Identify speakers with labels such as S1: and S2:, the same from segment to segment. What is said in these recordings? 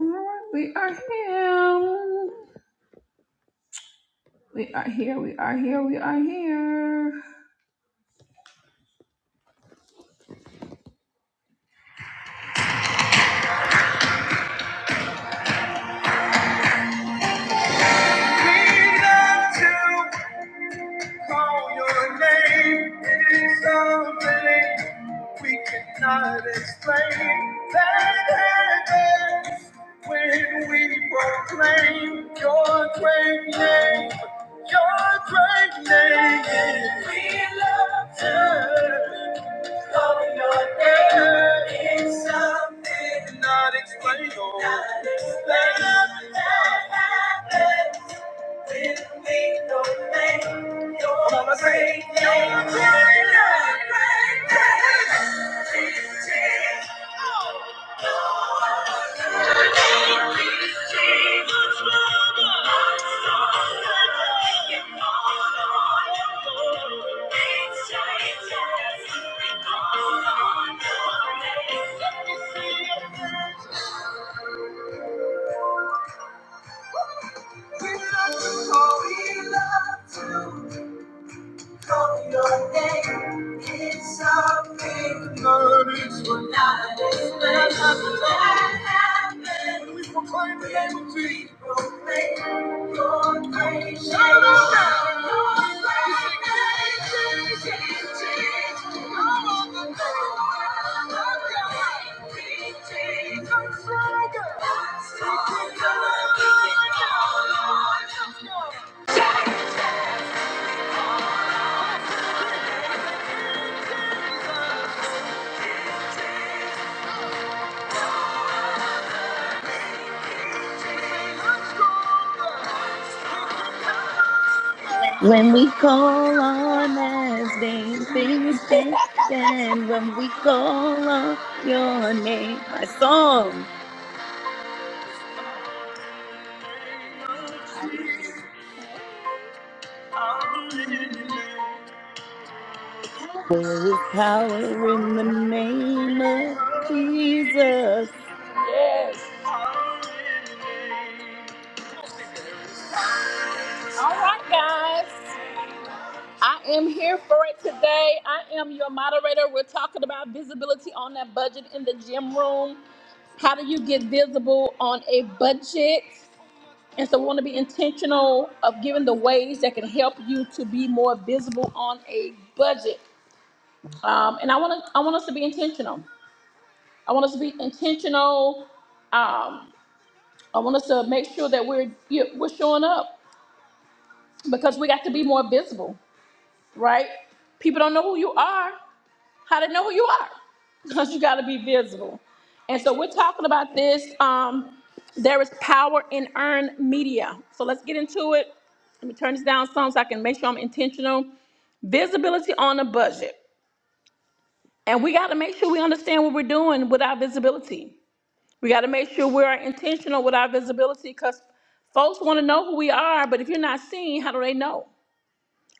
S1: Alright, we are here. We are here. We are here. We are here. We love to call your name. It is something we cannot explain. That happens when we proclaim your great name. Your great name. We love to. Calling your name is something not explained. Not explained. That happened when we don't make your Come on, break, us break, great break, Your break, name. Oh, he loves to. Call Your name is something words will not explain. What I expect. Nothing that happened? We proclaim the name of Jesus. We proclaim your grace. Shout it out Your grace is sufficient. All of the world. of God. It takes us That's all. Come on,
S2: When we call on his name, things change. And when we call on your name, my song.
S1: I'm believing.
S2: There is power in the name of Jesus.
S1: Yes. All right, guys. I am here for it today. I am your moderator. We're talking about visibility on that budget in the gym room. How do you get visible on a budget? And so, we want to be intentional of giving the ways that can help you to be more visible on a budget. Um, and I want to, I want us to be intentional. I want us to be intentional. Um, I want us to make sure that we're you- we're showing up because we got to be more visible, right? People don't know who you are. How to know who you are? Because you got to be visible. And so we're talking about this. Um, there is power in earned media. So let's get into it. Let me turn this down some so I can make sure I'm intentional. Visibility on a budget. And we got to make sure we understand what we're doing with our visibility. We got to make sure we're intentional with our visibility because folks want to know who we are, but if you're not seen, how do they know?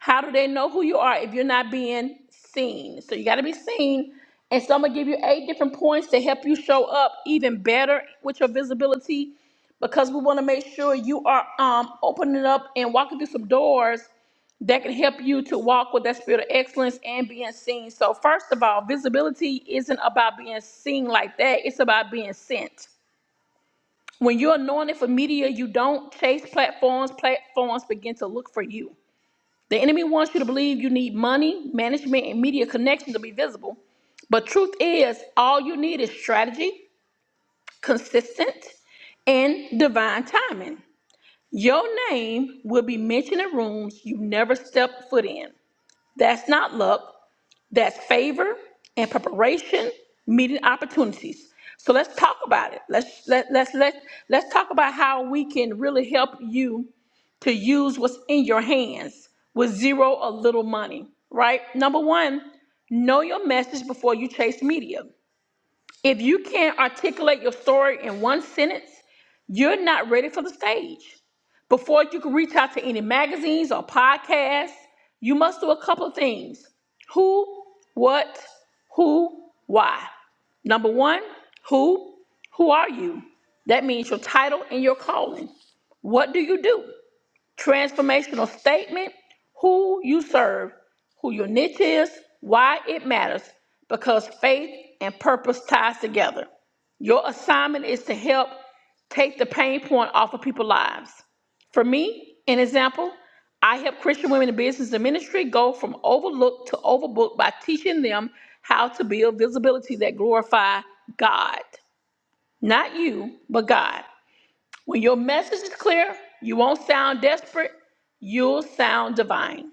S1: How do they know who you are if you're not being seen? So you got to be seen. And so I'm going to give you eight different points to help you show up even better with your visibility because we want to make sure you are um, opening up and walking through some doors that can help you to walk with that spirit of excellence and being seen. So, first of all, visibility isn't about being seen like that, it's about being sent. When you're anointed for media, you don't chase platforms, platforms begin to look for you. The enemy wants you to believe you need money, management, and media connections to be visible. But truth is, all you need is strategy, consistent, and divine timing. Your name will be mentioned in rooms you never stepped foot in. That's not luck, that's favor and preparation, meeting opportunities. So let's talk about it. Let's let, let's let let's talk about how we can really help you to use what's in your hands with zero or little money, right? Number one, know your message before you chase media. If you can't articulate your story in one sentence, you're not ready for the stage. Before you can reach out to any magazines or podcasts, you must do a couple of things who, what, who, why. Number one, who, who are you? That means your title and your calling. What do you do? transformational statement who you serve, who your niche is, why it matters, because faith and purpose ties together. Your assignment is to help take the pain point off of people's lives. For me, an example, I help Christian women in business and ministry go from overlooked to overbooked by teaching them how to build visibility that glorify God. Not you, but God. When your message is clear, you won't sound desperate, you'll sound divine.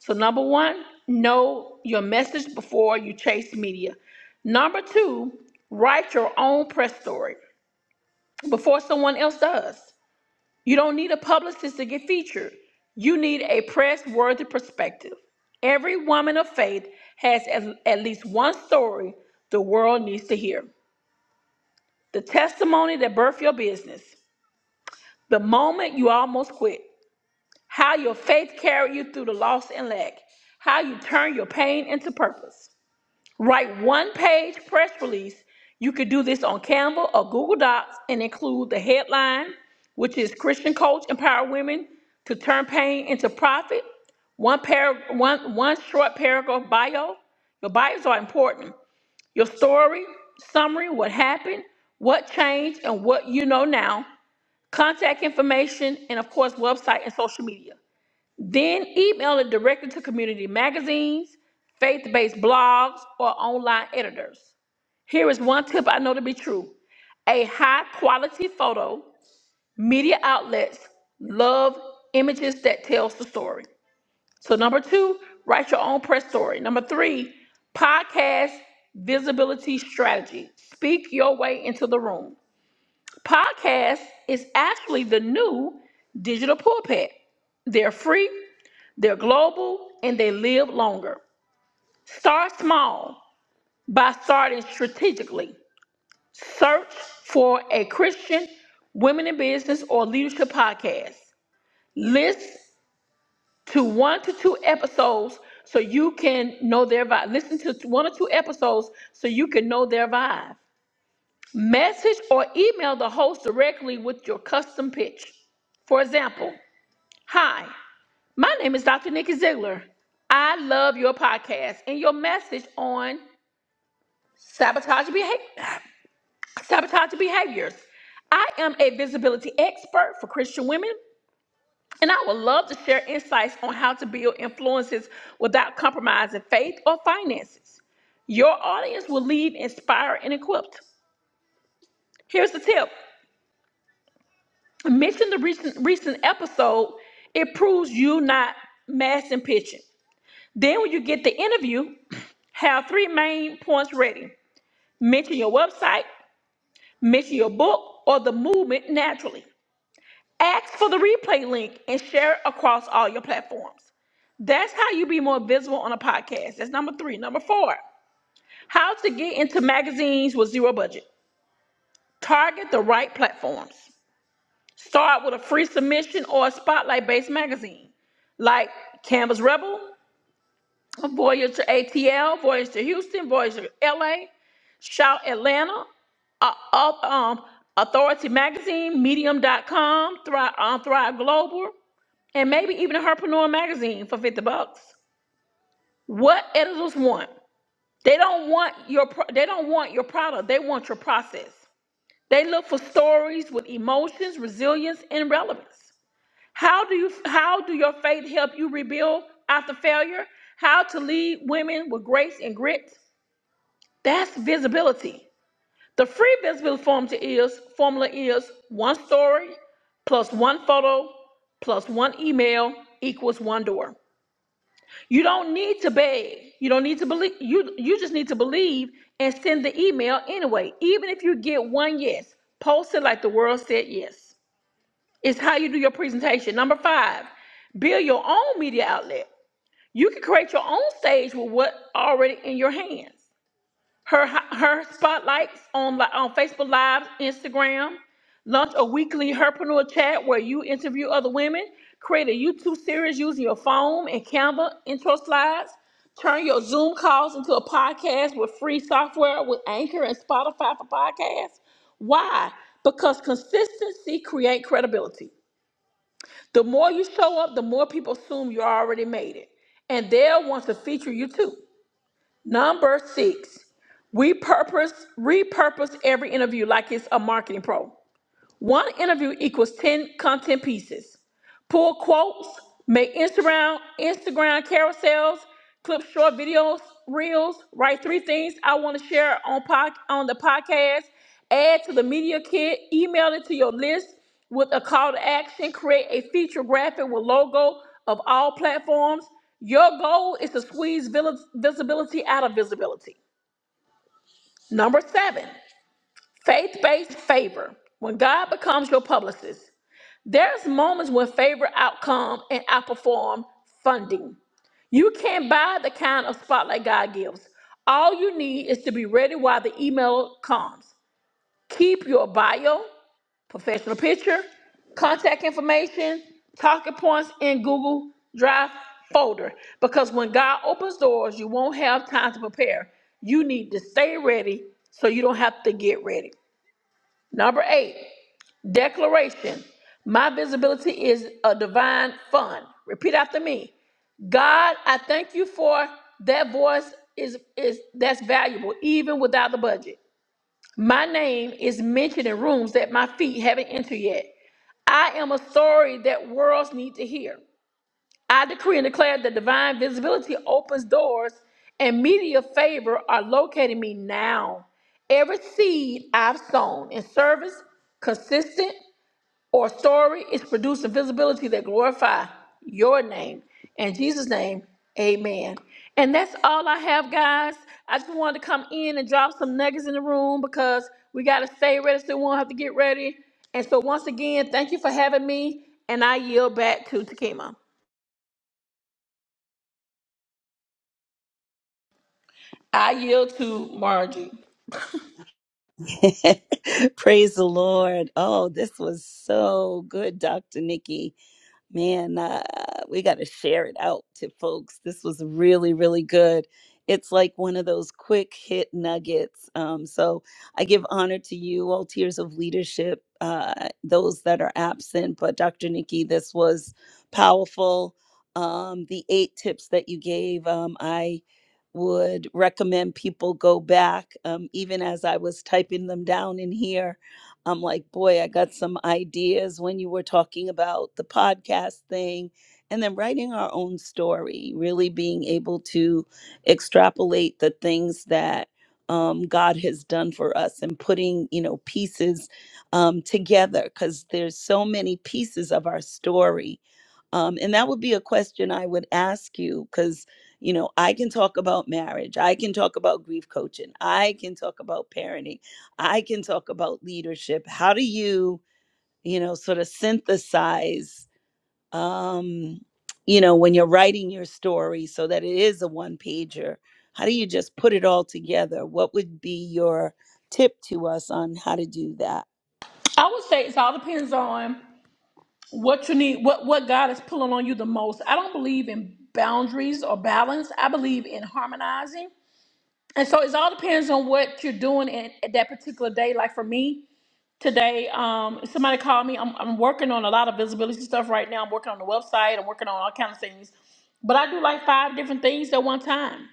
S1: So, number one, know your message before you chase media. Number two, write your own press story before someone else does. You don't need a publicist to get featured, you need a press worthy perspective. Every woman of faith has at at least one story the world needs to hear the testimony that birthed your business, the moment you almost quit how your faith carried you through the loss and lack, how you turn your pain into purpose. Write one page press release. You could do this on Canva or Google Docs and include the headline, which is Christian Coach Empower Women to Turn Pain into Profit. One par- one one short paragraph bio. Your bios are important. Your story, summary, what happened, what changed, and what you know now. Contact information, and of course, website and social media. Then email it directly to community magazines, faith based blogs, or online editors. Here is one tip I know to be true a high quality photo, media outlets love images that tells the story. So, number two, write your own press story. Number three, podcast visibility strategy. Speak your way into the room. Podcast is actually the new digital pulpit. They're free they're global and they live longer. Start small by starting strategically. Search for a Christian women in business or leadership podcast. List to one to two episodes so you can know their vibe. Listen to one or two episodes so you can know their vibe. Message or email the host directly with your custom pitch. For example, hi, My name is Dr. Nikki Ziegler. I love your podcast and your message on sabotage, behavior, sabotage behaviors. I am a visibility expert for Christian women, and I would love to share insights on how to build influences without compromising faith or finances. Your audience will leave inspired and equipped. Here's the tip mention the recent, recent episode, it proves you not mass and pitching. Then when you get the interview, Have three main points ready. Mention your website, mention your book, or the movement naturally. Ask for the replay link and share it across all your platforms. That's how you be more visible on a podcast. That's number three. Number four, how to get into magazines with zero budget. Target the right platforms. Start with a free submission or a spotlight based magazine like Canvas Rebel, Voyage to ATL, Voyage to Houston, Voyage to LA. Shout Atlanta, uh, up, um, Authority Magazine, Medium.com, Thrive, um, Thrive Global, and maybe even Herpreneur Magazine for fifty bucks. What editors want? They don't want your pro- they don't want your product. They want your process. They look for stories with emotions, resilience, and relevance. How do you how do your faith help you rebuild after failure? How to lead women with grace and grit? That's visibility. The free Bisbee formula is formula is one story plus one photo plus one email equals one door. You don't need to beg. You don't need to believe. You you just need to believe and send the email anyway. Even if you get one yes, post it like the world said yes. It's how you do your presentation. Number five, build your own media outlet. You can create your own stage with what already in your hands. Her her spotlights on li- on Facebook Live, Instagram, launch a weekly herpreneur chat where you interview other women, create a YouTube series using your phone and Canva intro slides, turn your Zoom calls into a podcast with free software with Anchor and Spotify for podcasts. Why? Because consistency create credibility. The more you show up, the more people assume you already made it, and they'll want to feature you too. Number six. We purpose, repurpose every interview like it's a marketing pro. One interview equals 10 content pieces. Pull quotes, make Instagram, Instagram carousels, clip short videos, reels, write three things I want to share on pod, on the podcast, add to the media kit, email it to your list with a call to action, create a feature graphic with logo of all platforms. Your goal is to squeeze vil- visibility out of visibility. Number seven, Faith based favor. When God becomes your publicist, there's moments when favor outcome and outperform funding. You can't buy the kind of spotlight God gives. All you need is to be ready while the email comes. Keep your bio, professional picture, contact information, talking points in Google Drive folder because when God opens doors, you won't have time to prepare. You need to stay ready so you don't have to get ready. Number eight, Declaration My visibility is a divine fund. Repeat after me. God, I thank you for that voice is is that's valuable even without the budget. My name is mentioned in rooms that my feet haven't entered yet. I am a story that worlds need to hear. I decree and declare that divine visibility opens doors and media favor are locating me now. Every seed I've sown in service, consistent or story is producing visibility that glorify your name and Jesus' name. Amen. And that's all I have, guys. I just wanted to come in and drop some nuggets in the room because we got to stay ready so we won't have to get ready. And so, once again, thank you for having me. And I yield back to Takima. I yield to Margie.
S2: Praise the Lord. Oh, this was so good, Dr. Nikki. man, uh, we got to share it out to folks. This was really, really good. It's like one of those quick hit nuggets. Um, so I give honor to you, all tiers of leadership, uh, those that are absent. But Dr. Nikki, this was powerful. Um, the eight tips that you gave, um, I would recommend people go back, um, even as I was typing them down in here I'm like, boy, I got some ideas when you were talking about the podcast thing. And then writing our own story, really being able to extrapolate the things that um, God has done for us and putting, you know, pieces um, together because there's so many pieces of our story um, and that would be a question I would ask you because, you know, I can talk about marriage. I can talk about grief coaching. I can talk about parenting. I can talk about leadership. How do you, you know, sort of synthesize, um, you know, when you're writing your story so that it is a one pager? How do you just put it all together? What would be your tip to us on how to do that?
S1: I would say it all depends on what you need, what what God is pulling on you the most. I don't believe in boundaries or balance. I believe in harmonizing. And so it all depends on what you're doing in, at that particular day. Like for me today, um, somebody called me. I'm, I'm working on a lot of visibility stuff right now. I'm working on the website. I'm working on all kinds of things. But I do like five different things at one time.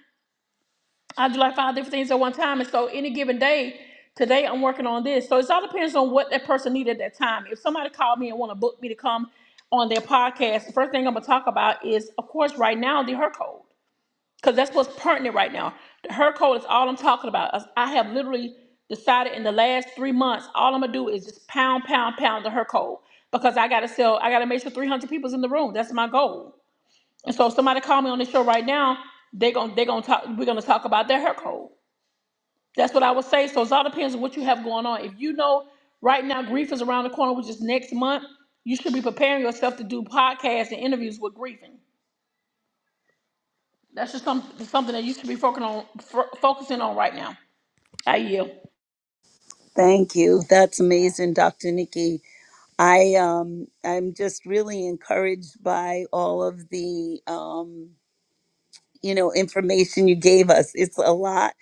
S1: I do like five different things at one time. And so any given day, today I'm working on this. So it all depends on what that person needed at that time. If somebody called me and want to book me to come on their podcast, the first thing I'm gonna talk about is, of course, right now the her code because that's what's pertinent right now. The Her code is all I'm talking about. Us- I have literally decided in the last three months, all I'm gonna do is just pound, pound, pound the her code because I gotta sell. I gotta make sure 300 people's in the room. That's my goal. And so, if somebody call me on this show right now, they're gonna they're gonna talk. We're gonna talk about their her code. That's what I would say. So it all depends on what you have going on. If you know right now grief is around the corner, which is next month, you should be preparing yourself to do podcasts and interviews with grieving. That's just some, something that you should be focusing on, f- focusing on right now. I yield.
S2: Thank you. That's amazing, Dr. Nikki. I um I'm just really encouraged by all of the um you know information you gave us it's a lot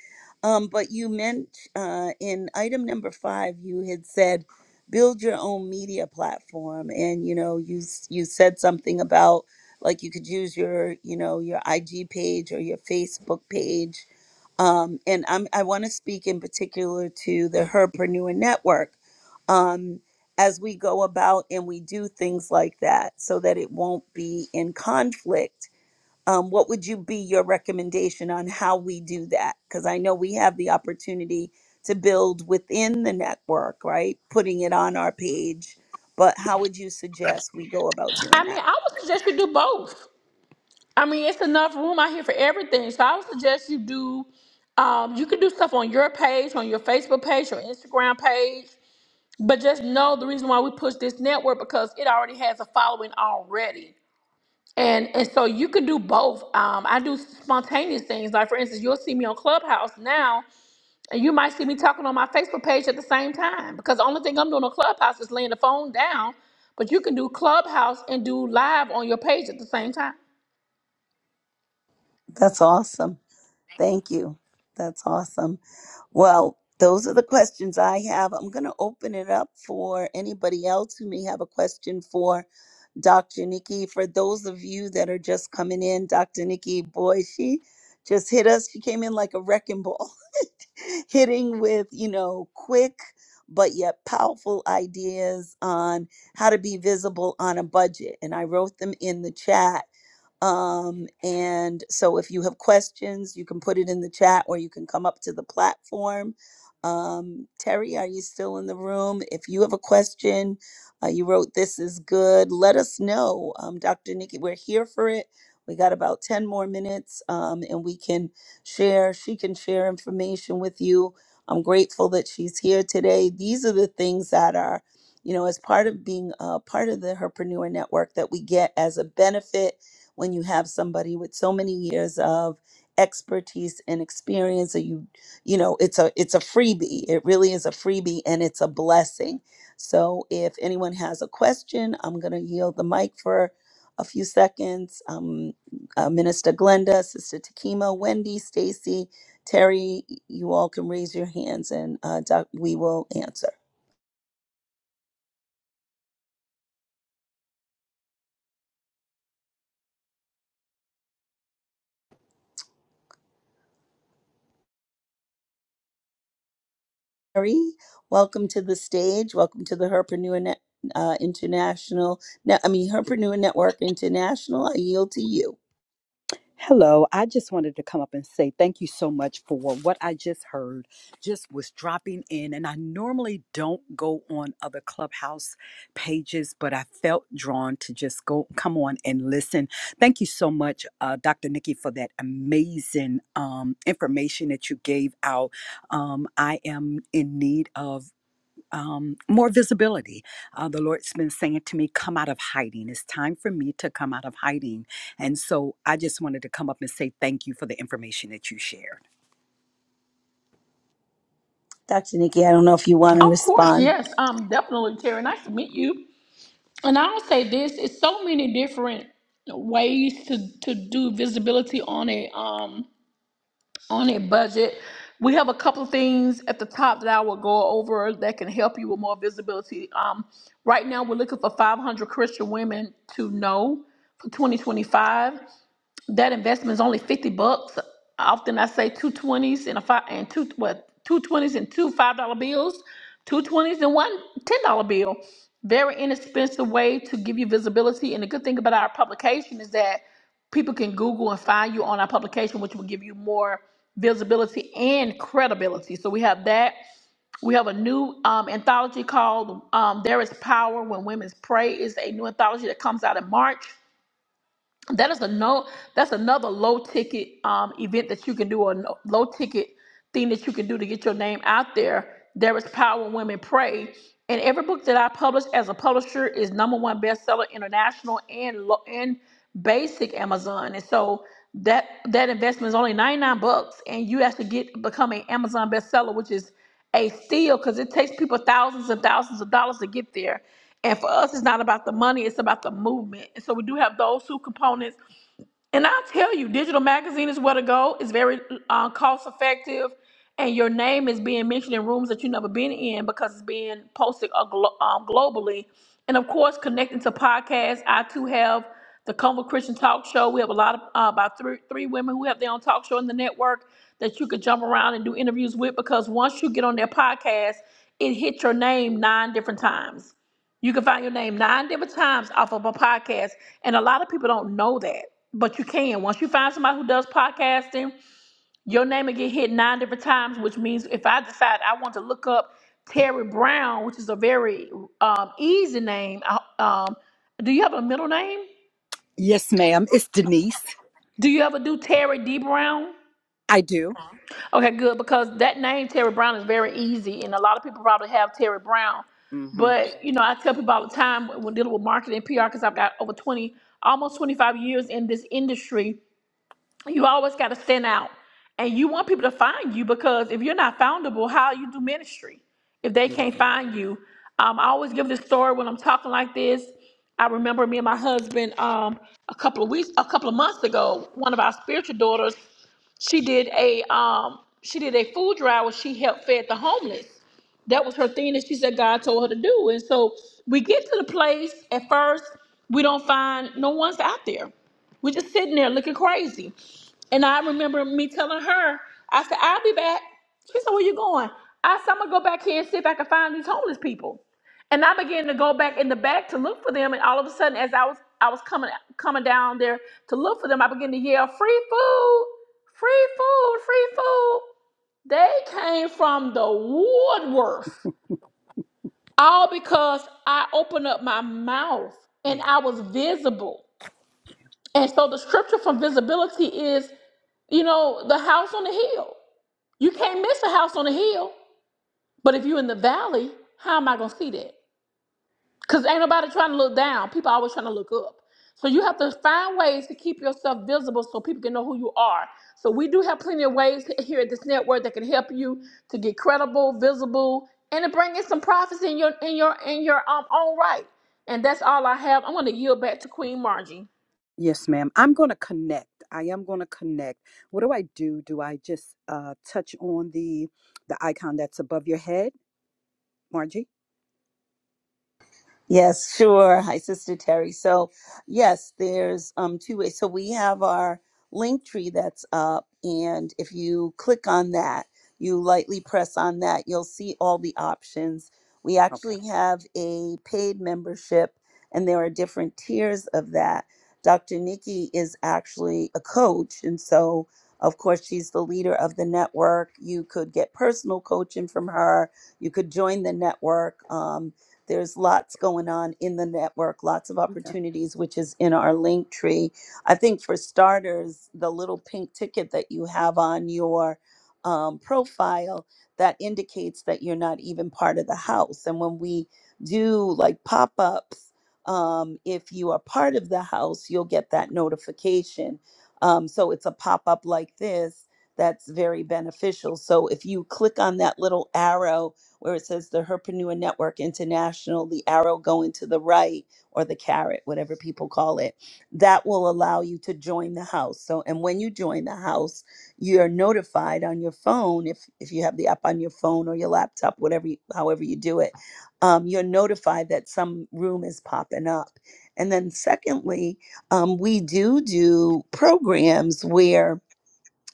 S2: um but you meant uh in item number five you had said build your own media platform and you know you s- you said something about like you could use your you know your ig page or your facebook page um and i'm i want to speak in particular to the herpreneur network um as we go about and we do things like that so that it won't be in conflict um, what would you be your recommendation on how we do that? Because I know we have the opportunity to build within the network, right? Putting it on our page, but how would you suggest we go about doing
S1: I mean,
S2: that?
S1: I would suggest you do both. I mean, it's enough room out here for everything. So I would suggest you do. Um, you can do stuff on your page, on your Facebook page, your Instagram page. But just know the reason why we push this network because it already has a following already. And and so you can do both. Um, I do spontaneous things. Like for instance, you'll see me on Clubhouse now. And you might see me talking on my Facebook page at the same time because the only thing I'm doing on Clubhouse is laying the phone down. But you can do Clubhouse and do live on your page at the same time.
S2: That's awesome. Thank you. That's awesome. Well, those are the questions I have. I'm going to open it up for anybody else who may have a question for Dr. Nikki. For those of you that are just coming in, Dr. Nikki, boy, she just hit us. She came in like a wrecking ball, hitting with, you know, quick but yet powerful ideas on how to be visible on a budget. And I wrote them in the chat um, and so if you have questions, you can put it in the chat or you can come up to the platform. Um, Terry, are you still in the room? If you have a question, uh, you wrote this is good, let us know. Um, Dr. Nikki, we're here for it. We got about 10 more minutes um, and we can share, she can share information with you. I'm grateful that she's here today. These are the things that are, you know, as part of being uh, part of the Herpreneur Network that we get as a benefit when you have somebody with so many years of expertise and experience that you you know it's a it's a freebie it really is a freebie and it's a blessing so if anyone has a question i'm going to yield the mic for a few seconds um, uh, minister glenda sister takima wendy stacy terry you all can raise your hands and uh, doc, we will answer Mary, welcome to the stage. Welcome to the Herpreneur Net, uh, International. No, I mean Herpreneur Network International. I yield to you,
S3: Hello, I just wanted to come up and say thank you so much for what I just heard. Just was dropping in, and I normally don't go on other clubhouse pages, but I felt drawn to just go come on and listen. Thank you so much, uh, Dr. Nikki, for that amazing um, information that you gave out. Um, I am in need of um, more visibility. Uh, the Lord's been saying to me, Come out of hiding. It's time for me to come out of hiding. And so I just wanted to come up and say thank you for the information that you shared.
S2: Dr. Nikki. I don't know if you want to
S1: Of course,
S2: respond.
S1: yes, um, definitely, Terry. Nice to meet you. And I'll say this: it's so many different ways to to do visibility on a um. on a budget. We have a couple of things at the top that I will go over that can help you with more visibility. Um, right now, we're looking for 500 Christian women to know for 2025. That investment is only fifty bucks. Often I say two twenties and a five and two what two twenties and two five dollar bills, two twenties and one ten dollar bill. Very inexpensive way to give you visibility. And the good thing about our publication is that people can Google and find you on our publication, which will give you more visibility and credibility. So we have that. We have a new um, anthology called um, "There Is Power When Women Pray." is a new anthology that comes out in March that is a no that's another low ticket um event that you can do or no, low ticket thing that you can do to get your name out there there is power when women pray and every book that i publish as a publisher is number one bestseller international and lo- and basic amazon and so that that investment is only 99 bucks and you actually get become an amazon bestseller which is a steal because it takes people thousands and thousands of dollars to get there and for us, it's not about the money, it's about the movement. And so we do have those two components. And I'll tell you, digital magazine is where to go. It's very uh, cost effective. And your name is being mentioned in rooms that you've never been in because it's being posted uh, glo- um, globally. And of course, connecting to podcasts, I too have the Convo Christian Talk Show. We have a lot of uh, about three, three women who have their own talk show in the network that you could jump around and do interviews with because once you get on their podcast, it hits your name nine different times you can find your name nine different times off of a podcast. And a lot of people don't know that, but you can. Once you find somebody who does podcasting, your name will get hit nine different times, which means if I decide I want to look up Terry Brown, which is a very um, easy name, I- um, do you have a middle name?
S3: Yes, ma'am. It's Denise.
S1: Do you ever do Terry D. Brown?
S3: I do.
S1: Okay, good, because that name Terry Brown is very easy, and a lot of people probably have Terry Brown.
S3: Mm-hmm.
S1: But you know, I tell people all the time when dealing with marketing and PR, because I've got over twenty, almost twenty-five years in this industry. You always got to stand out. And you want people to find you because if you're not foundable, how you do ministry if they can't find you? Um, I always give this story when I'm talking like this. I remember me and my husband um, a couple of weeks, a couple of months ago, one of our spiritual daughters, she did a um, she did a food drive where she helped fed the homeless. That was her thing that she said God told her to do. And so we get to the place at first, we don't find no one's out there. We're just sitting there looking crazy. And I remember me telling her, I said, I'll be back. She said, Where you going? I said, I'm gonna go back here and see if I can find these homeless people. And I began to go back in the back to look for them. And all of a sudden, as I was I was coming coming down there to look for them, I began to yell, Free food, free food, free food. They came from the woodworth. All because I opened up my mouth and
S3: Yeah.
S1: I was visible. And so the scripture for visibility is, you know, the house on the hill. You can't miss a house on the hill. But if you're in the valley, how am I gonna see that? Because ain't nobody trying to look down. People always trying to look up. So you have to find ways to keep yourself visible so people can know who you are. So we do have plenty of ways here at this network that can help you to get credible, visible, and to bring in some profits in your in your in your um own right. And that's all I have. I'm gonna yield back to Queen Margie.
S3: Yes, ma'am. I'm going to connect. I am going to connect. What do I do? Do I just uh, touch on the the icon that's above your head, Margie?
S2: Yes, sure. Hi, Sister Terry. So, yes, there's um, two ways. So, we have our link tree that's up, and if you click on that, you lightly press on that, you'll see all the options. We actually
S3: Okay.
S2: have a paid membership, and there are different tiers of that. Dr. Nikki is actually a coach, and so, of course, she's the leader of the network. You could get personal coaching from her, you could join the network. Um, there's lots going on in the network, lots of opportunities, which is in our link tree. I think for starters, the little pink ticket that you have on your um, profile that indicates that you're not even part of the house. And when we do like pop ups, um, if you are part of the house, you'll get that notification. Um, so it's a pop up like this that's very beneficial. So if you click on that little arrow where it says the Herpreneur Network International, the arrow going to the right or the carrot, whatever people call it, that will allow you to join the house. So, and when you join the house, you're notified on your phone if if you have the app on your phone or your laptop, whatever, you, however you do it, um, you're notified that some room is popping up. And then, secondly, um, we do do programs where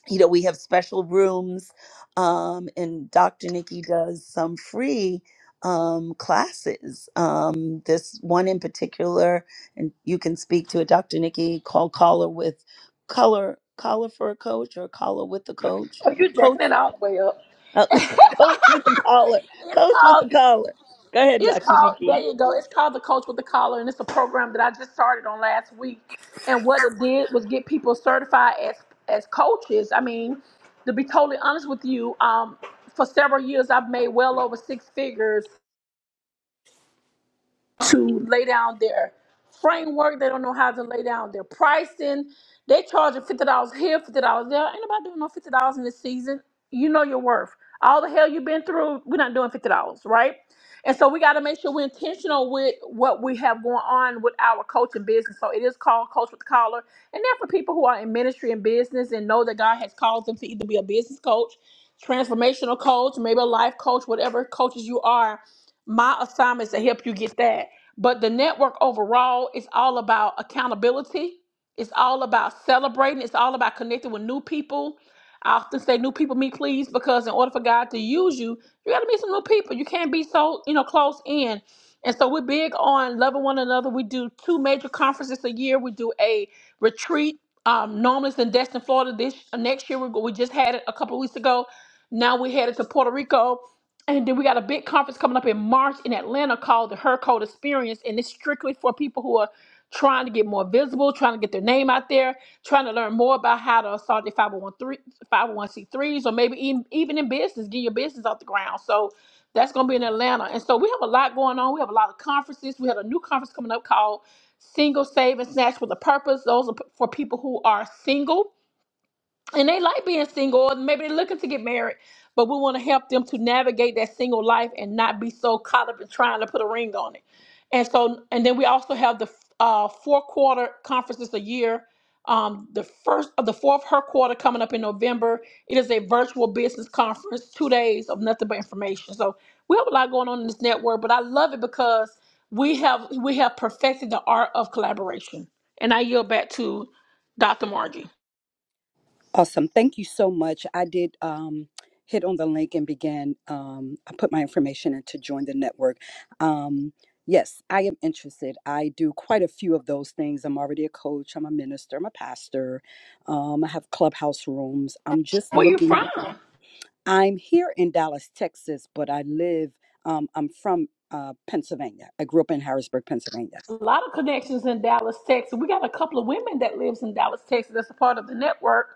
S2: you know, we have special rooms, um, and Dr. Nikki does some free um, classes. Um, this one in particular, and you can speak to it, Dr. Nikki, called Caller with Color, Collar for a Coach or Collar with the Coach.
S1: Oh, you're jacking
S2: Coach,
S1: it all the way up.
S2: uh, Coach with the Collar,
S1: It's
S2: Coach with the
S1: called.
S2: Collar. Go ahead,
S1: It's
S2: Dr.
S1: called. There
S2: Nikki.
S1: you go. It's called the Coach with the Collar, and it's a program that I just started on last week. And what it did was get people certified as as coaches. I mean, to be totally honest with you, um, for several years I've made well over six figures to lay down their framework. They don't know how to lay down their pricing. They charging fifty dollars here, fifty dollars there. Ain't nobody doing no fifty dollars in this season. You know your worth. All the hell you've been through, we're not doing fifty dollars, right? And so we got to make sure we're intentional with what we have going on with our coaching business. So it is called Coach with the Collar. And then for people who are in ministry and business and know that God has called them to either be a business coach, transformational coach, maybe a life coach, whatever coaches you are, my assignment is to help you get that. But the network overall is all about accountability. It's all about celebrating. It's all about connecting with new people. I often say new people meet please because in order for God to use you, you gotta meet some new people. You can't be so, you know, close in. And so we're big on loving one another. We do two major conferences a year. We do a retreat. Um, normally it's in Destin, Florida. This uh, next year we, we just had it a couple weeks ago. Now we headed to Puerto Rico and then we got a big conference coming up in March in Atlanta called the Her Code Experience. And it's strictly for people who are trying to get more visible, trying to get their name out there, trying to learn more about how to start their five hundred one three five hundred one c 3s or maybe even, even in business, get your business off the ground. So that's going to be in Atlanta. And so we have a lot going on. We have a lot of conferences. We have a new conference coming up called Single Save and Snatch with a Purpose. Those are p- for people who are single and they like being single or maybe they're looking to get married but we want to help them to navigate that single life and not be so caught up in trying to put a ring on it and so and then we also have the uh, four quarter conferences a year um, the first of the fourth her quarter coming up in november it is a virtual business conference two days of nothing but information so we have a lot going on in this network but i love it because we have we have perfected the art of collaboration and i yield back to dr margie
S3: Awesome. Thank you so much. I did um, hit on the link and began, um, I put my information in to join the network. Um, yes, I am interested. I do quite a few of those things. I'm already a coach, I'm a minister, I'm a pastor, um, I have clubhouse rooms. I'm just
S1: where you
S3: looking
S1: from
S3: I'm here in Dallas, Texas, but I live, um, I'm from uh, Pennsylvania. I grew up in Harrisburg, Pennsylvania.
S1: a lot of connections in Dallas, Texas. We got a couple of women that lives in Dallas, Texas. That's a part of the network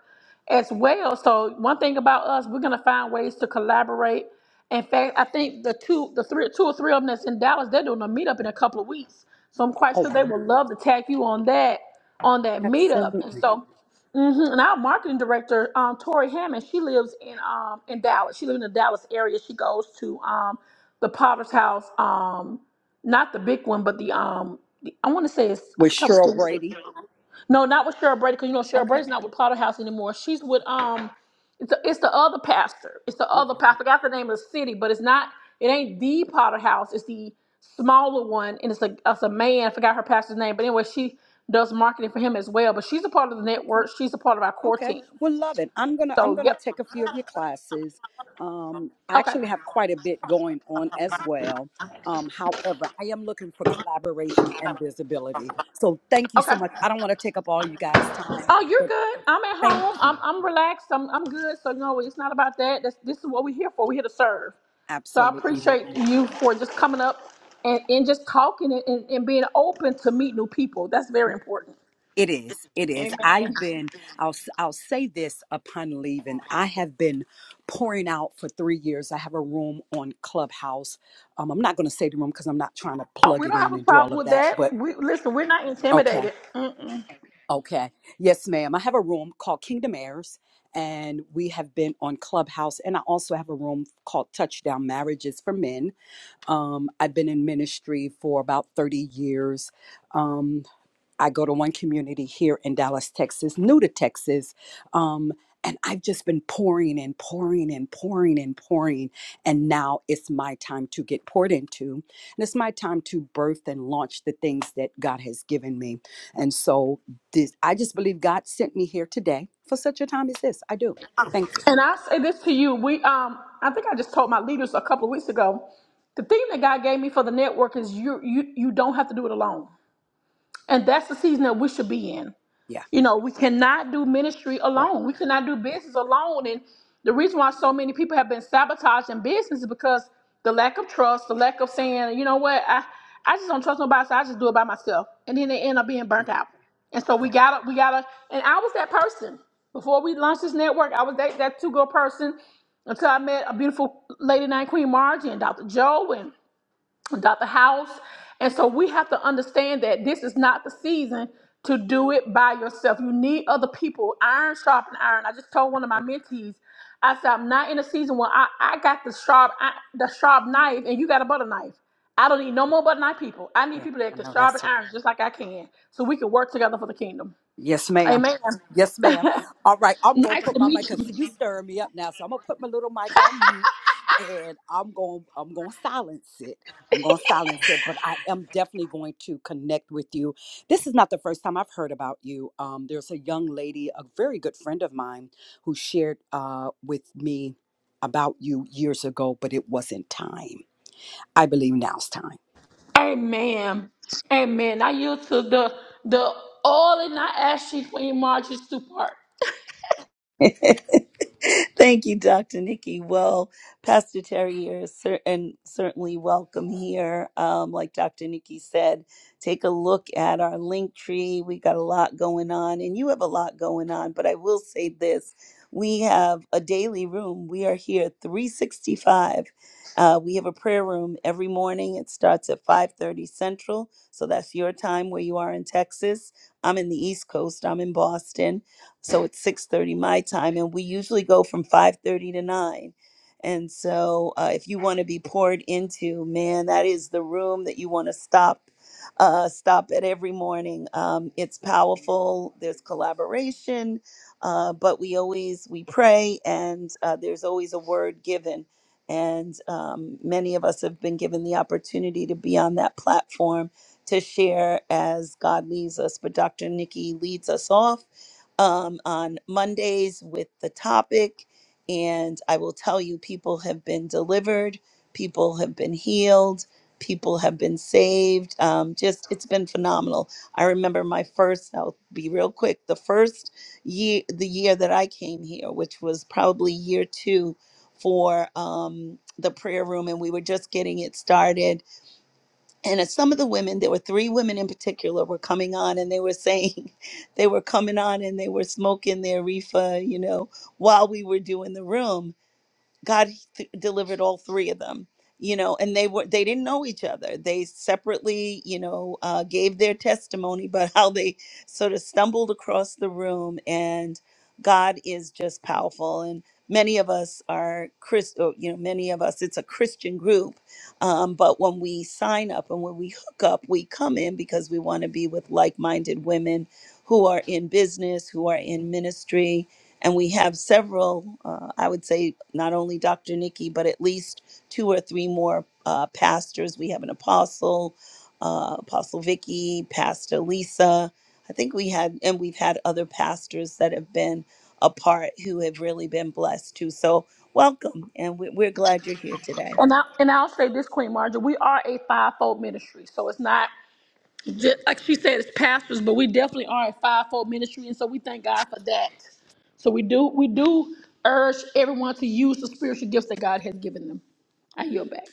S1: as well. So one thing about us, we're gonna find ways to collaborate. In fact, I think the two, the three, two or three of them that's in Dallas, they're doing a meetup in a couple of weeks. So I'm quite
S3: Oh,
S1: sure they
S3: wow.
S1: would love to tag you on that on that meetup. And
S3: Absolutely.
S1: so, mhm. and our marketing director, um, Tori Hammond, she lives in um in Dallas. She lives in the Dallas area. She goes to um the Potter's House. Um, not the big one, but the um, the, I want to say it's I
S3: With
S1: forgot what's
S3: Cheryl
S1: the
S3: Brady.
S1: no, not with Cheryl Brady because you know Cheryl
S3: Okay.
S1: Brady's not with Potter House anymore. She's with um, it's the, it's the other pastor. It's the
S3: Oh,
S1: other
S3: wow.
S1: pastor. I got the name of the city, but it's not. It ain't the Potter House. It's the smaller one, and it's a it's a man. I forgot her pastor's name, but anyway, she does marketing for him as well. But she's a part of the
S3: Okay.
S1: network. She's a part of our core
S3: Okay.
S1: team.
S3: Well, love it. I'm gonna I'm
S1: So
S3: gonna
S1: yep,
S3: take a few of your classes. Um, I
S1: okay,
S3: actually have quite a bit going on as well. Um, however, I am looking for collaboration and visibility. So thank you so
S1: okay.
S3: much. I don't want to take up all you guys' time,
S1: Oh, you're
S3: but
S1: good. I'm at
S3: thank
S1: home.
S3: you.
S1: I'm I'm relaxed. I'm I'm good. So you know, it's not about that. That's, this is what we're here for. We're here to serve. So I
S3: Absolutely.
S1: appreciate you for just coming up and, and just talking and, and, and being open to meet new people. That's very important.
S3: It is. It is.
S1: Amen.
S3: I've been, I'll, s- I'll say this upon leaving. I have been pouring out for three years. I have a room on Clubhouse. Um, I'm not going to say the room because I'm not trying to
S1: Oh, we
S3: plug it
S1: don't have
S3: in
S1: a
S3: and do all
S1: problem
S3: of
S1: with
S3: that,
S1: that.
S3: but
S1: We listen. We're not
S3: Okay.
S1: intimidated. Mm-mm.
S3: Okay. Yes, ma'am. I have a room called Kingdom Heirs, and we have been on Clubhouse. And I also have a room called Touchdown Marriages for Men. Um, I've been in ministry for about 30 years. Um, I go to one community here in Dallas, Texas, new to Texas. Um, and I've just been pouring and pouring and pouring and pouring. And now it's my time to get poured into. And it's my time to birth and launch the things that God has given me. And so this, I just believe God sent me here today for such a time as this. I do. Thank you.
S1: And I say this to you. We um. I think I just told my leaders a couple of weeks ago. The thing that God gave me for the network is you you you don't have to do it alone. And that's the season that we should be in.
S3: Yeah.
S1: You know, we cannot do ministry
S3: Yeah.
S1: alone. We cannot do
S3: Yeah.
S1: business alone. And the reason why so many people have been sabotaging business is because the lack of trust, the lack of saying, you know what, I, I just don't trust nobody, so I just do it by myself. And then they end up being burnt
S3: yeah.
S1: out. And so we gotta, we gotta, and I was that person. Before we launched this network, I was that, that two-girl person until I met a beautiful lady named Queen Margie and Dr. Joe and got the house. And so we have to understand that this is not the season to do it by yourself. You need other people. Iron sharpen iron. I just told one of my mentees, I said, I'm not in a season where I, I got the sharp I, the sharp knife and you got a butter knife. I don't need no more butter knife people. I need
S3: Okay.
S1: people that
S3: I
S1: can
S3: know
S1: sharpen
S3: that's
S1: irons just like I can so we can work together for the kingdom.
S3: Yes, ma'am.
S1: Amen.
S3: Yes, ma'am. All right, I'm gonna
S1: nice
S3: put
S1: to
S3: my mic
S1: meet
S3: because
S1: you.
S3: you stirring me up now. So I'm gonna put my little mic on mute, and I'm gonna I'm gonna silence it. I'm gonna silence it, but I am definitely going to connect with you. This is not the first time I've heard about you. Um, there's a young lady, a very good friend of mine, who shared uh, with me about you years ago, but it wasn't time. I believe now's time.
S1: Amen. Amen. I yield to the the all in I ask you, Queen Marjorie Stewart.
S2: Thank you, Dr. Nikki. Well, Pastor Terry, you're cer- and certainly welcome here. Um, like Dr. Nikki said, take a look at our link tree. We got a lot going on, and you have a lot going on. But I will say this we have a daily room. We are here 365. Uh, we have a prayer room every morning. It starts at 5:30 Central, so that's your time where you are in Texas. I'm in the East Coast. I'm in Boston, so it's 6.30 my time and we usually go from 5.30 to 9 and so uh, if you want to be poured into man that is the room that you want to stop uh, stop at every morning um, it's powerful there's collaboration uh, but we always we pray and uh, there's always a word given and um, many of us have been given the opportunity to be on that platform to share as god leads us but dr nikki leads us off um, on Mondays with the topic. And I will tell you, people have been delivered, people have been healed, people have been saved. Um, just, it's been phenomenal. I remember my first, I'll be real quick, the first year, the year that I came here, which was probably year two for um, the prayer room, and we were just getting it started and as some of the women there were three women in particular were coming on and they were saying they were coming on and they were smoking their reefer you know while we were doing the room God th- delivered all three of them, you know, and they were they didn't know each other. They separately, you know, uh, gave their testimony, but how they sort of stumbled across the room, and God is just powerful. And many of us are Chris, or, you know, many of us it's a Christian group, um, but when we sign up and when we hook up, we come in because we want to be with like-minded women who are in business, who are in ministry and we have several, uh, I would say, not only Dr. Nikki, but at least two or three more uh, pastors. We have an apostle, uh, Apostle Vicky, Pastor Lisa. I think we had, and we've had other pastors that have been a part who have really been blessed too. So welcome, and we- we're glad you're here today.
S1: And I and I'll say this, Queen Marjorie, we are a fivefold ministry, so it's not just, like she said, it's pastors, but we definitely are a fivefold ministry, and so we thank God for that. So we do we do urge everyone to use the spiritual gifts that God has given them. I yield back.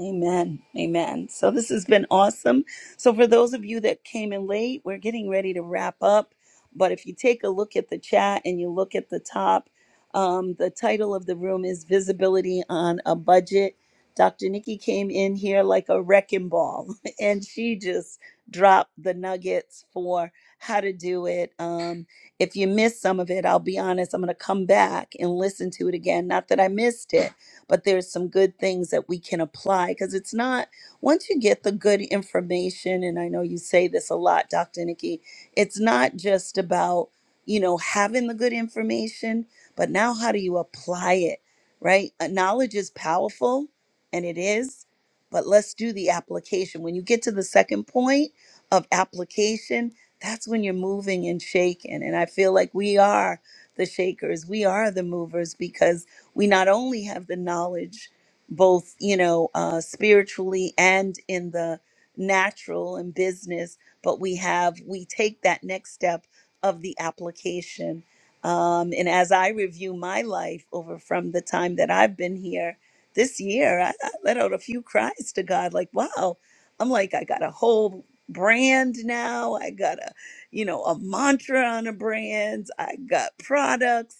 S2: Amen. Amen. So this has been awesome. So for those of you that came in late, we're getting ready to wrap up. But if you take a look at the chat and you look at the top, um, the title of the room is Visibility on a Budget. Dr. Nikki came in here like a wrecking ball and she just dropped the nuggets for how to do it. Um, if you missed some of it, I'll be honest, I'm going to come back and listen to it again. Not that I missed it but there's some good things that we can apply because it's not once you get the good information and I know you say this a lot Dr. Nikki it's not just about you know having the good information but now how do you apply it right Uh, knowledge is powerful and it is but let's do the application when you get to the second point of application that's when you're moving and shaking and I feel like we are the shakers we are the movers because we not only have the knowledge both you know uh, spiritually and in the natural and business but we have we take that next step of the application um, and as i review my life over from the time that i've been here this year I, I let out a few cries to god like wow i'm like i got a whole brand now i got a you know a mantra on a brand i got products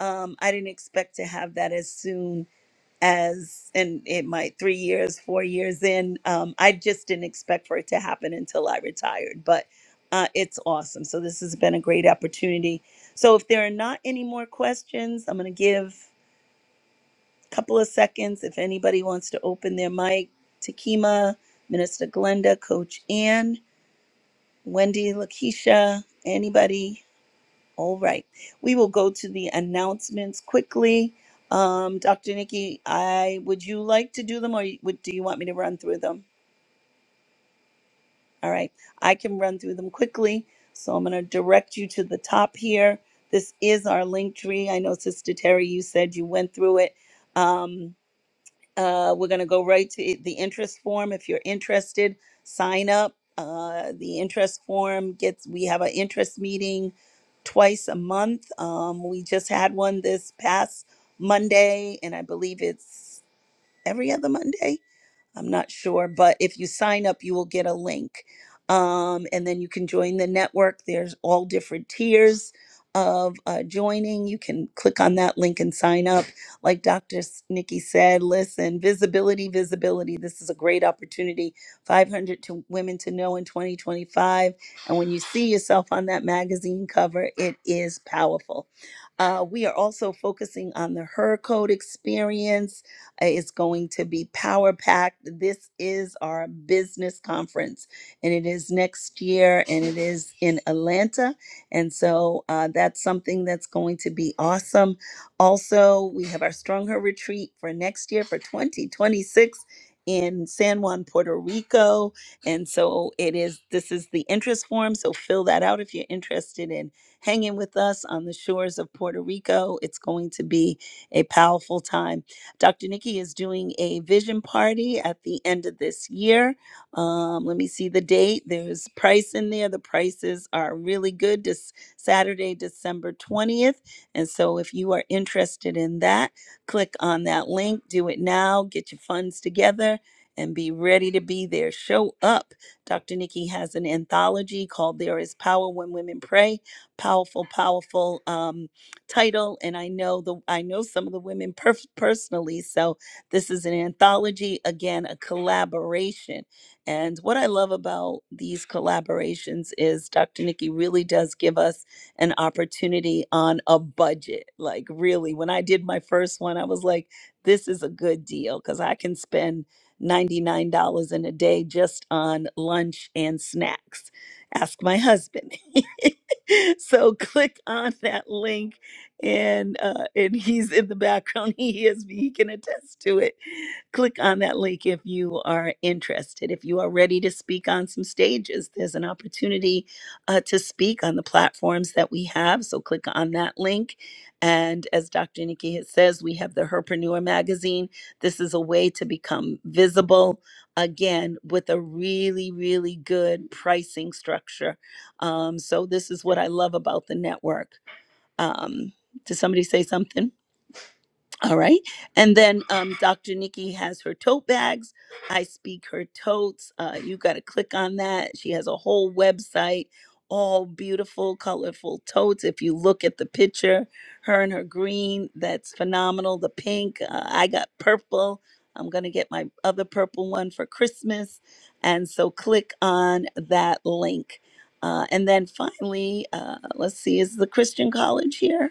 S2: um, I didn't expect to have that as soon as, and it might three years, four years in. Um, I just didn't expect for it to happen until I retired, but uh, it's awesome. So this has been a great opportunity. So if there are not any more questions, I'm going to give a couple of seconds if anybody wants to open their mic. Takima, Minister Glenda, Coach Ann, Wendy, Lakeisha, anybody all right. We will go to the announcements quickly. Um, Dr. Nikki, I would you like to do them or you- would, do you want me to run through them? All right. I can run through them quickly. So I'm going to direct you to the top here. This is our link tree. I know Sister Terry, you said you went through it. Um, uh, we're going to go right to the interest form. If you're interested, sign up. Uh, the interest form gets, we have an interest meeting twice a month. Um, we just had one this past Monday, and I believe it's every other Monday. I'm not sure, but if you sign up, you will get a link. Um, and then you can join the network. There's all different tiers of uh, joining. You can click on that link and sign up. Like Dr. Nikki said, listen, visibility, visibility. This is a great opportunity. 500 to women to know in 2025. And when you see yourself on that magazine cover, it is powerful. Uh, we are also focusing on the Her Code experience uh, It's going to be power packed. This is our business conference, and it is next year, and it is in Atlanta. And so uh, that's something that's going to be awesome. Also, we have our Stronger retreat for next year for 2026 in San Juan, Puerto Rico. And so it is, this is the interest form. So fill that out if you're interested in hanging with us on the shores of Puerto Rico. It's going to be a powerful time Dr. Nikki is doing a vision party at the end of this year. Um, let me see the date. There's price in there. The prices are really good. This Saturday, December 20th. And so if you are interested in that, click on that link. Do it now. Get your funds together and be ready to be there. Show up. Dr. Nikki has an anthology called There is Power When Women Pray. Powerful, powerful. um, title and i know the i know some of the women per- personally so this is an anthology again a collaboration and what i love about these collaborations is dr nikki really does give us an opportunity on a budget like really when i did my first one i was like this is a good deal because i can spend $99 in a day just on lunch and snacks ask my husband so click on that link and uh, and he's in the background. He hears me. He can attest to it. Click on that link if you are interested. If you are ready to speak on some stages, there's an opportunity uh, to speak on the platforms that we have. So click on that link. And as Dr. Nikki has- says, we have the Herpreneur magazine. This is a way to become visible again with a really, really good pricing structure. Um, so this is what I love about the network um, did somebody say something? All right. And then um, Dr. Nikki has her tote bags. I speak her totes. Uh, you got to click on that. She has a whole website, all beautiful, colorful totes. If you look at the picture, her and her green, that's phenomenal. The pink, uh, I got purple. I'm going to get my other purple one for Christmas. And so click on that link. Uh, and then finally, uh, let's see, is the Christian College here?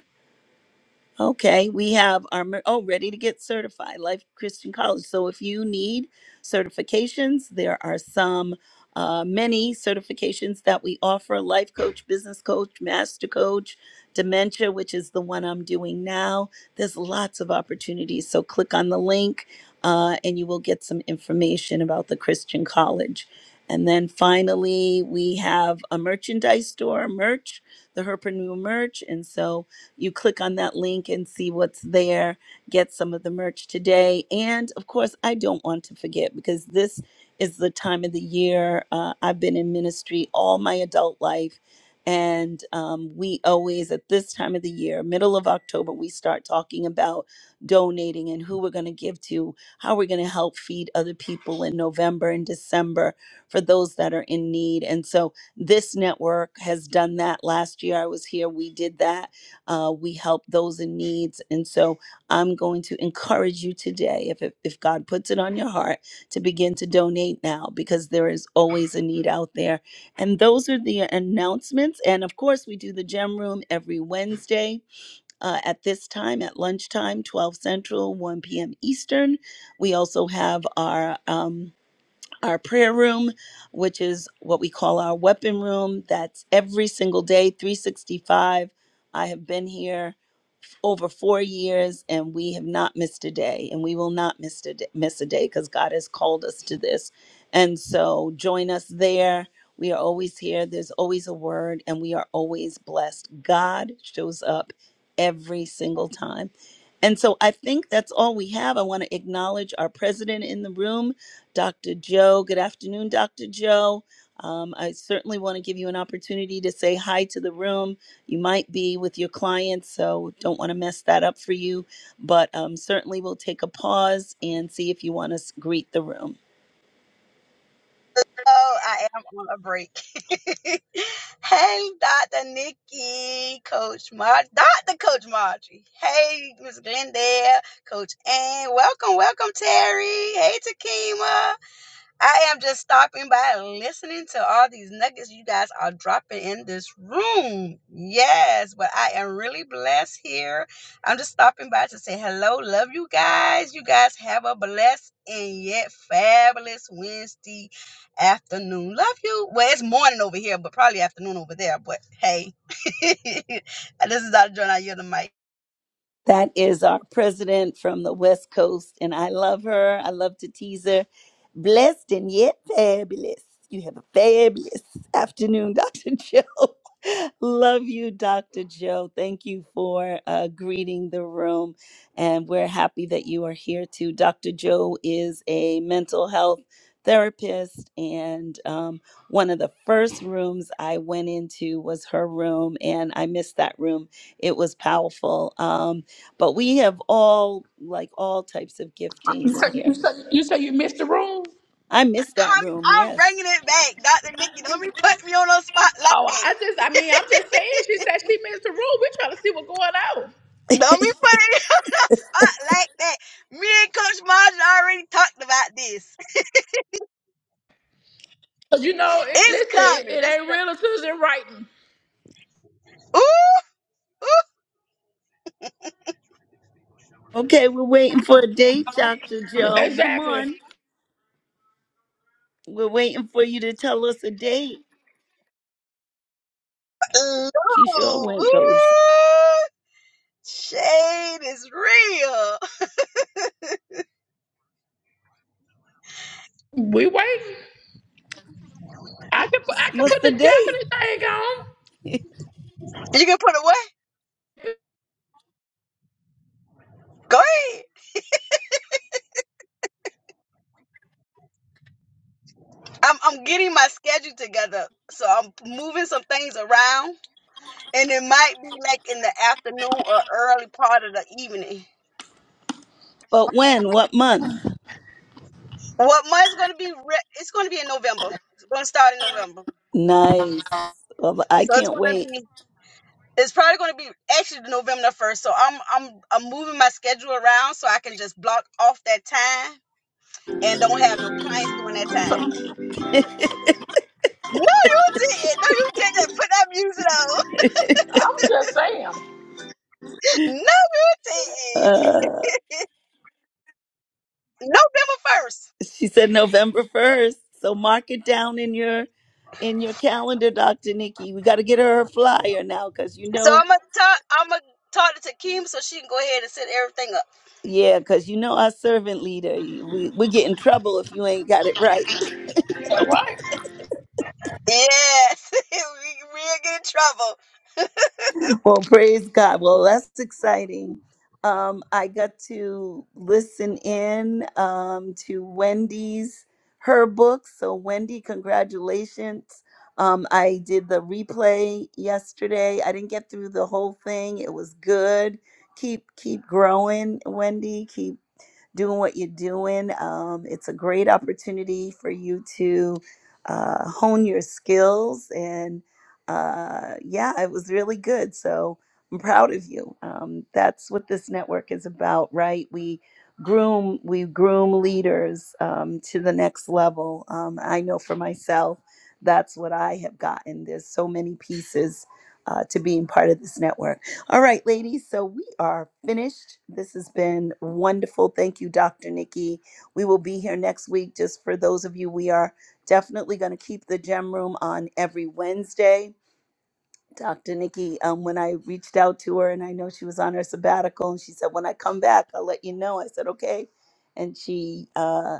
S2: Okay, we have our mer- oh ready to get certified Life Christian College. So if you need certifications, there are some uh, many certifications that we offer: life coach, business coach, master coach, dementia, which is the one I'm doing now. There's lots of opportunities. So click on the link, uh, and you will get some information about the Christian College. And then finally, we have a merchandise store, merch, the Herpreneur merch, and so. You click on that link and see what's there. Get some of the merch today. And of course, I don't want to forget because this is the time of the year. Uh, I've been in ministry all my adult life. And um, we always, at this time of the year, middle of October, we start talking about donating and who we're going to give to, how we're going to help feed other people in November and December for those that are in need. And so this network has done that. Last year I was here, we did that uh, we help those in needs. And so I'm going to encourage you today, if, if, if God puts it on your heart, to begin to donate now because there is always a need out there. And those are the announcements. And of course, we do the gem room every Wednesday uh, at this time, at lunchtime, 12 Central, 1 p.m. Eastern. We also have our. Um, our prayer room, which is what we call our weapon room. That's every single day, 365. I have been here over four years and we have not missed a day and we will not miss a day, miss a day because God has called us to this. And so join us there. We are always here. There's always a word and we are always blessed. God shows up every single time. And so I think that's all we have. I want to acknowledge our president in the room. Dr. Joe. Good afternoon, Dr. Joe. Um, I certainly want to give you an opportunity to say hi to the room. You might be with your clients, so don't want to mess that up for you, but um, certainly we'll take a pause and see if you want to s- greet the room.
S4: Oh, I am on a break. hey, Dr. Nikki, Coach Mar, Dr. Coach Margie. Hey, Miss Glendale, Coach Ann. Welcome, welcome, Terry. Hey, Takima. I am just stopping by and listening to all these nuggets you guys are dropping in this room. Yes, but I am really blessed here. I'm just stopping by to say hello, love you guys. You guys have a blessed and yet fabulous Wednesday afternoon. Love you. Well, it's morning over here, but probably afternoon over there. But hey, this is Dr. John. I yield the mic.
S2: That is our president from the West Coast, and I love her. I love to tease her. Blessed and yet fabulous. You have a fabulous afternoon, Dr. Joe. love you, Dr. Joe. Thank you for uh, greeting the room, and we're happy that you are here too. Dr. Joe is a mental health therapist, and um, one of the first rooms I went into was her room, and I missed that room. It was powerful. Um, but we have all like all types of
S1: You
S2: giftings
S1: say you,
S2: here.
S1: say, you, say you missed the room?
S2: I miss
S4: Come-
S2: that room.
S4: I'm
S2: Yes.
S4: bringing it back, Dr. Nikki. Don't be putting me on a spot like
S1: Oh,
S4: that.
S1: I just I mean I'm just saying. She said she missed the room. We're trying to see what's going on.
S4: Don't be putting it on the spot like that. Me and Coach Marge already talked about this.
S1: Cause you know, it,
S4: It's
S1: listen, it,
S4: coming.
S1: it
S4: Just
S1: ain't
S4: the
S1: real until it's in writing.
S4: ooh,
S2: Okay, we're waiting for a date, Dr. Joe. Come
S1: Exactly.
S2: on. We're waiting for you to tell us a date.
S4: ooh,
S2: She sure
S4: ooh,
S2: went goes.
S4: ooh. Shade is real.
S1: We waiting. I can put, I can
S2: What's
S1: put
S2: the
S1: the
S2: date?
S1: Japanese thing
S4: You can put it what? Go ahead. I'm I'm getting my schedule together, so I'm moving some things around, and it might be like in the afternoon or early part of the evening.
S2: but when? What month?
S4: What month's gonna be? Re- it's gonna be in November. It's gonna start in November,
S2: Nice. Well, I
S4: so it's
S2: can't
S4: gonna be.
S2: wait.
S4: It's probably going to be actually November first. So I'm I'm I'm moving my schedule around so I can just block off that time and don't have no clients during that time. No, you didn't. No, you didn't. Put that music on.
S1: on. I'm just saying.
S4: No, you didn't.
S2: Uh
S4: November first.
S2: she said November 1st. So mark it down in your in your calendar, Dr. Nikki. We got to get her a flyer now cuz you
S4: So
S2: know
S4: I'm gonna talk. I'm gonna talk to Kim so she can go ahead and set everything up.
S2: Yeah, because you know our servant leader, we, we get in trouble if you ain't got it right.
S1: right?
S4: Yes, we we'll get in trouble.
S2: Well, praise God. Well, that's exciting. Um, I got to listen in um, to Wendy's, her book. So, Wendy, congratulations. Um, I did the replay yesterday. I didn't get through the whole thing. It was good. Keep keep growing, Wendy. Keep doing what you're doing. Um, it's a great opportunity for you to uh, hone your skills. And uh, yeah, it was really good. So I'm proud of you. Um, that's what this network is about, right? We groom we groom leaders um, to the next level. Um, I know for myself, that's what I have gotten. There's so many pieces uh, to being part of this network. All right, ladies, so we are finished. This has been wonderful. Thank you, Dr. Nikki. We will be here next week. Just for those of you, we are definitely going to keep the gem room on every Wednesday. Dr. Nikki, um, when I reached out to her and I know she was on her sabbatical, and she said, When I come back, I'll let you know. I said, Okay. And she uh,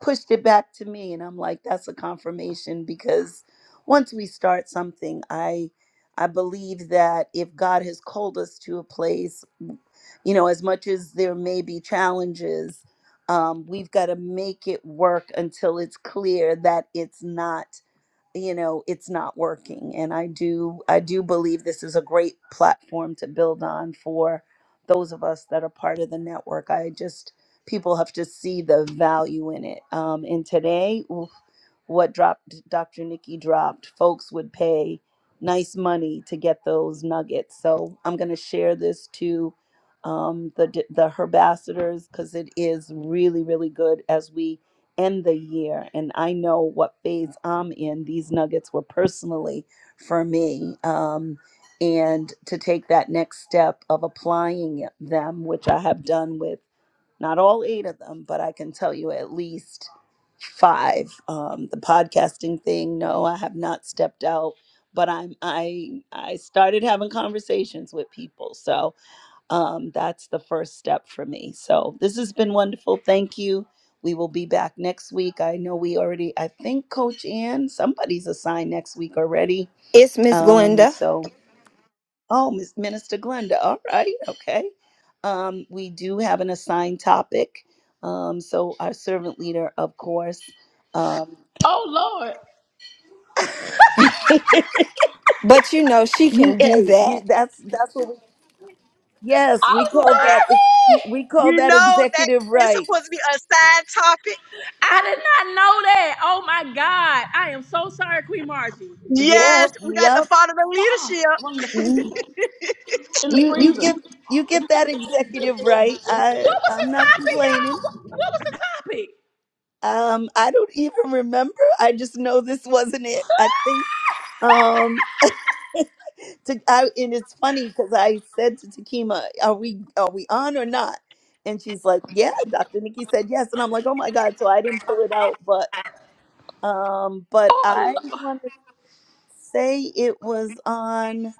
S2: pushed it back to me and i'm like that's a confirmation because once we start something i i believe that if god has called us to a place you know as much as there may be challenges um, we've got to make it work until it's clear that it's not you know it's not working and i do i do believe this is a great platform to build on for those of us that are part of the network i just people have to see the value in it um, and today what dropped Dr. Nikki dropped. Folks would pay nice money to get those nuggets. So I'm going to share this to um, the d- the herbassadors because it is really really good as we end the year. And I know what phase I'm in. These nuggets were personally for me. Um, and to take that next step of applying them, which I have done with not all eight of them, but I can tell you at least five. Um, the podcasting thing, no, I have not stepped out, but I'm I I started having conversations with people, so um, that's the first step for me. So this has been wonderful. Thank you. We will be back next week. I know we already. I think Coach Ann, somebody's assigned next week already.
S5: It's Miss
S2: Um,
S5: Glenda.
S2: so Oh, Miss Minister Glenda. All right. Okay. Um, we do have an assigned topic. Um, so our servant leader, of course. Um,
S1: Oh Lord.
S2: you,
S5: But you know, she can do
S2: hey, you,
S5: that.
S2: that's that's what we. Yes, we
S1: I'm
S2: call
S4: That
S2: that.
S1: sorry.
S2: We call
S4: You
S2: that
S4: know that
S2: executive
S4: it's
S2: right.
S4: supposed to be a side topic.
S1: I did not know that. Oh my God. I am so sorry, Queen Margie. What was
S2: Yeah.
S4: Yes, we got to
S2: Yep.
S4: follow the leadership.
S1: well, in the freezer?
S2: mhm.
S1: In the
S2: You you
S1: freezer.
S2: get you get that executive right. I
S1: What was the
S2: I'm not
S1: topic,
S2: complaining.
S1: y'all? What, what was the topic?
S2: Um, I don't even remember. I just know this wasn't it. I think. Um. to I, and it's funny because I said to Takima, "Are we are we on or not?" And she's like, "Yeah." Dr. Nikki said yes, and I'm like, "Oh my god!" So I didn't pull it out, but um, but I want to say it was on.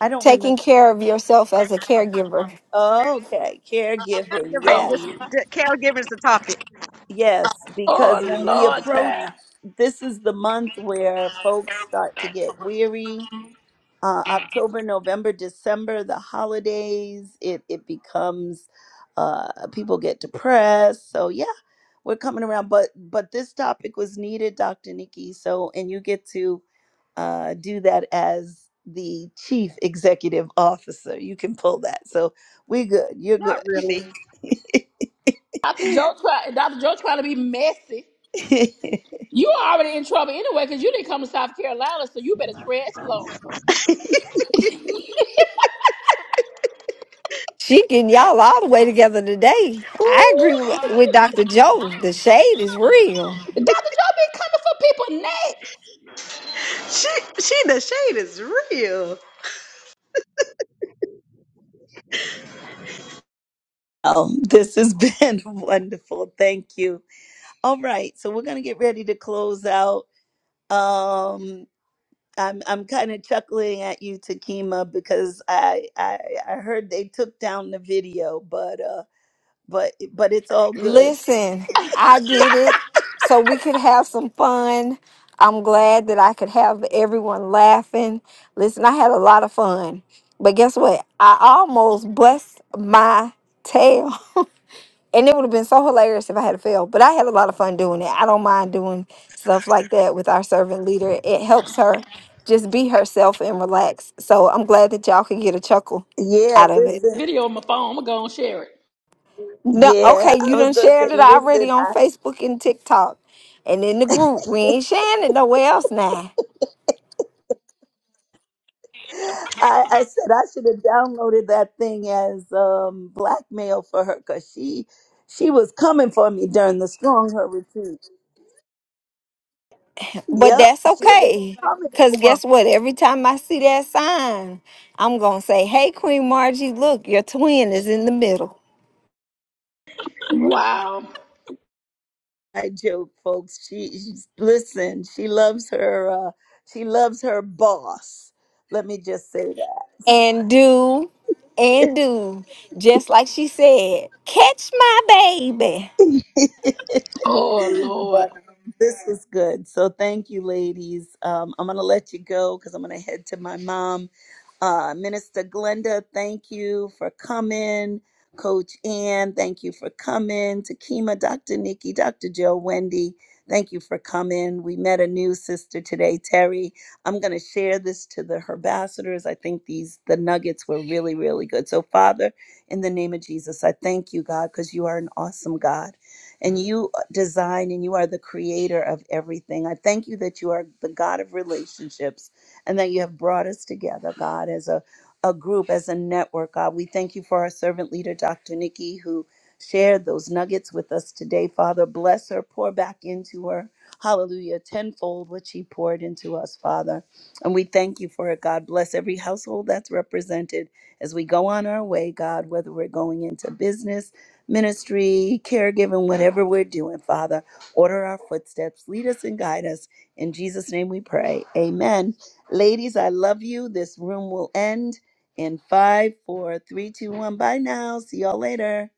S2: I don't
S5: Taking
S2: remember.
S5: care of yourself as a caregiver.
S2: Okay, caregiving. Yes, yes, because when we approach, this is the month where folks start to get weary uh, October, November, December, the holidays, it, it becomes uh, people get depressed. So yeah, we're coming around. But but this topic was needed, Dr. Nikki. So and you get to uh, do that as the chief executive officer. You can pull that. So we good. You're
S4: Not
S2: good.
S4: really.
S1: Dr. Joe try Dr. Joe trying to be messy. You are already in trouble anyway, because you didn't come to South Carolina, so you better tread slow.
S5: She can y'all all the way together today. I
S4: Ooh,
S5: agree with, with Dr. Joe. The shade is real.
S1: Dr. Joe be coming for people next.
S4: she, she, the shade is real.
S2: Um, this has been wonderful. Thank you. All right, so we're gonna get ready to close out. Um, I'm I'm kind of chuckling at you, Takima, because I, I I heard they took down the video, but uh, but but it's all good.
S5: Listen, I did it so we could have some fun. I'm glad that I could have everyone laughing. Listen, I had a lot of fun. But guess what? I almost bust my tail. and it would have been so hilarious if I had failed. But I had a lot of fun doing it. I don't mind doing stuff like that with our servant leader. It helps her just be herself and relax. So I'm glad that y'all can get a chuckle
S2: Yeah,
S5: out of it.
S2: listen.
S1: Video on my phone. I'm gonna go and share it.
S5: No,
S2: Yeah,
S5: okay,
S2: I
S5: you
S2: was
S5: done
S2: gonna say,
S5: shared it
S2: listen.
S5: already on
S2: I,
S5: Facebook and TikTok and in the group. We ain't sharing it nowhere else now.
S2: I, I said I should have downloaded that thing as um, blackmail for her because she, she was coming for me during the strong her retreat.
S5: But
S2: Yep,
S5: that's
S2: she was
S5: okay.
S2: coming
S5: Cause
S2: for me.
S5: guess what? Every time I see that sign, I'm gonna say, Hey Queen Margie, look, your twin is in the middle.
S1: Wow.
S2: I joke, folks. She, she's, listen. She loves her. Uh, she loves her boss. Let me just say
S5: And do and do just like she said, catch my baby.
S2: that.
S1: Oh, Lord.
S2: but um, this was good. So thank you, ladies. Um, I'm going to let you go because I'm going to head to my mom. Uh, Minister Glenda, thank you for coming. Coach Ann, thank you for coming. Takima, Dr. Nikki, Dr. Joe, Wendy, thank you for coming. We met a new sister today, Terry. I'm going to share this to the herbassadors. I think these the nuggets were really, really good. So, Father, in the name of Jesus, I thank you, God, because you are an awesome God and you design and you are the creator of everything. I thank you that you are the God of relationships and that you have brought us together, God, as a, a group, as a network, God. We thank you for our servant leader, Dr. Nikki, who shared those nuggets with us today. Father, bless her, pour back into her. Hallelujah, tenfold what she poured into us, Father. And we thank you for it, God. Bless every household that's represented as we go on our way, God, whether we're going into business ministry, caregiving, whatever we're doing, Father. Order our footsteps, lead us and guide us. In Jesus' name we pray. Amen. Ladies, I love you. This room will end in five, four, three, two, one. Bye now. See y'all later.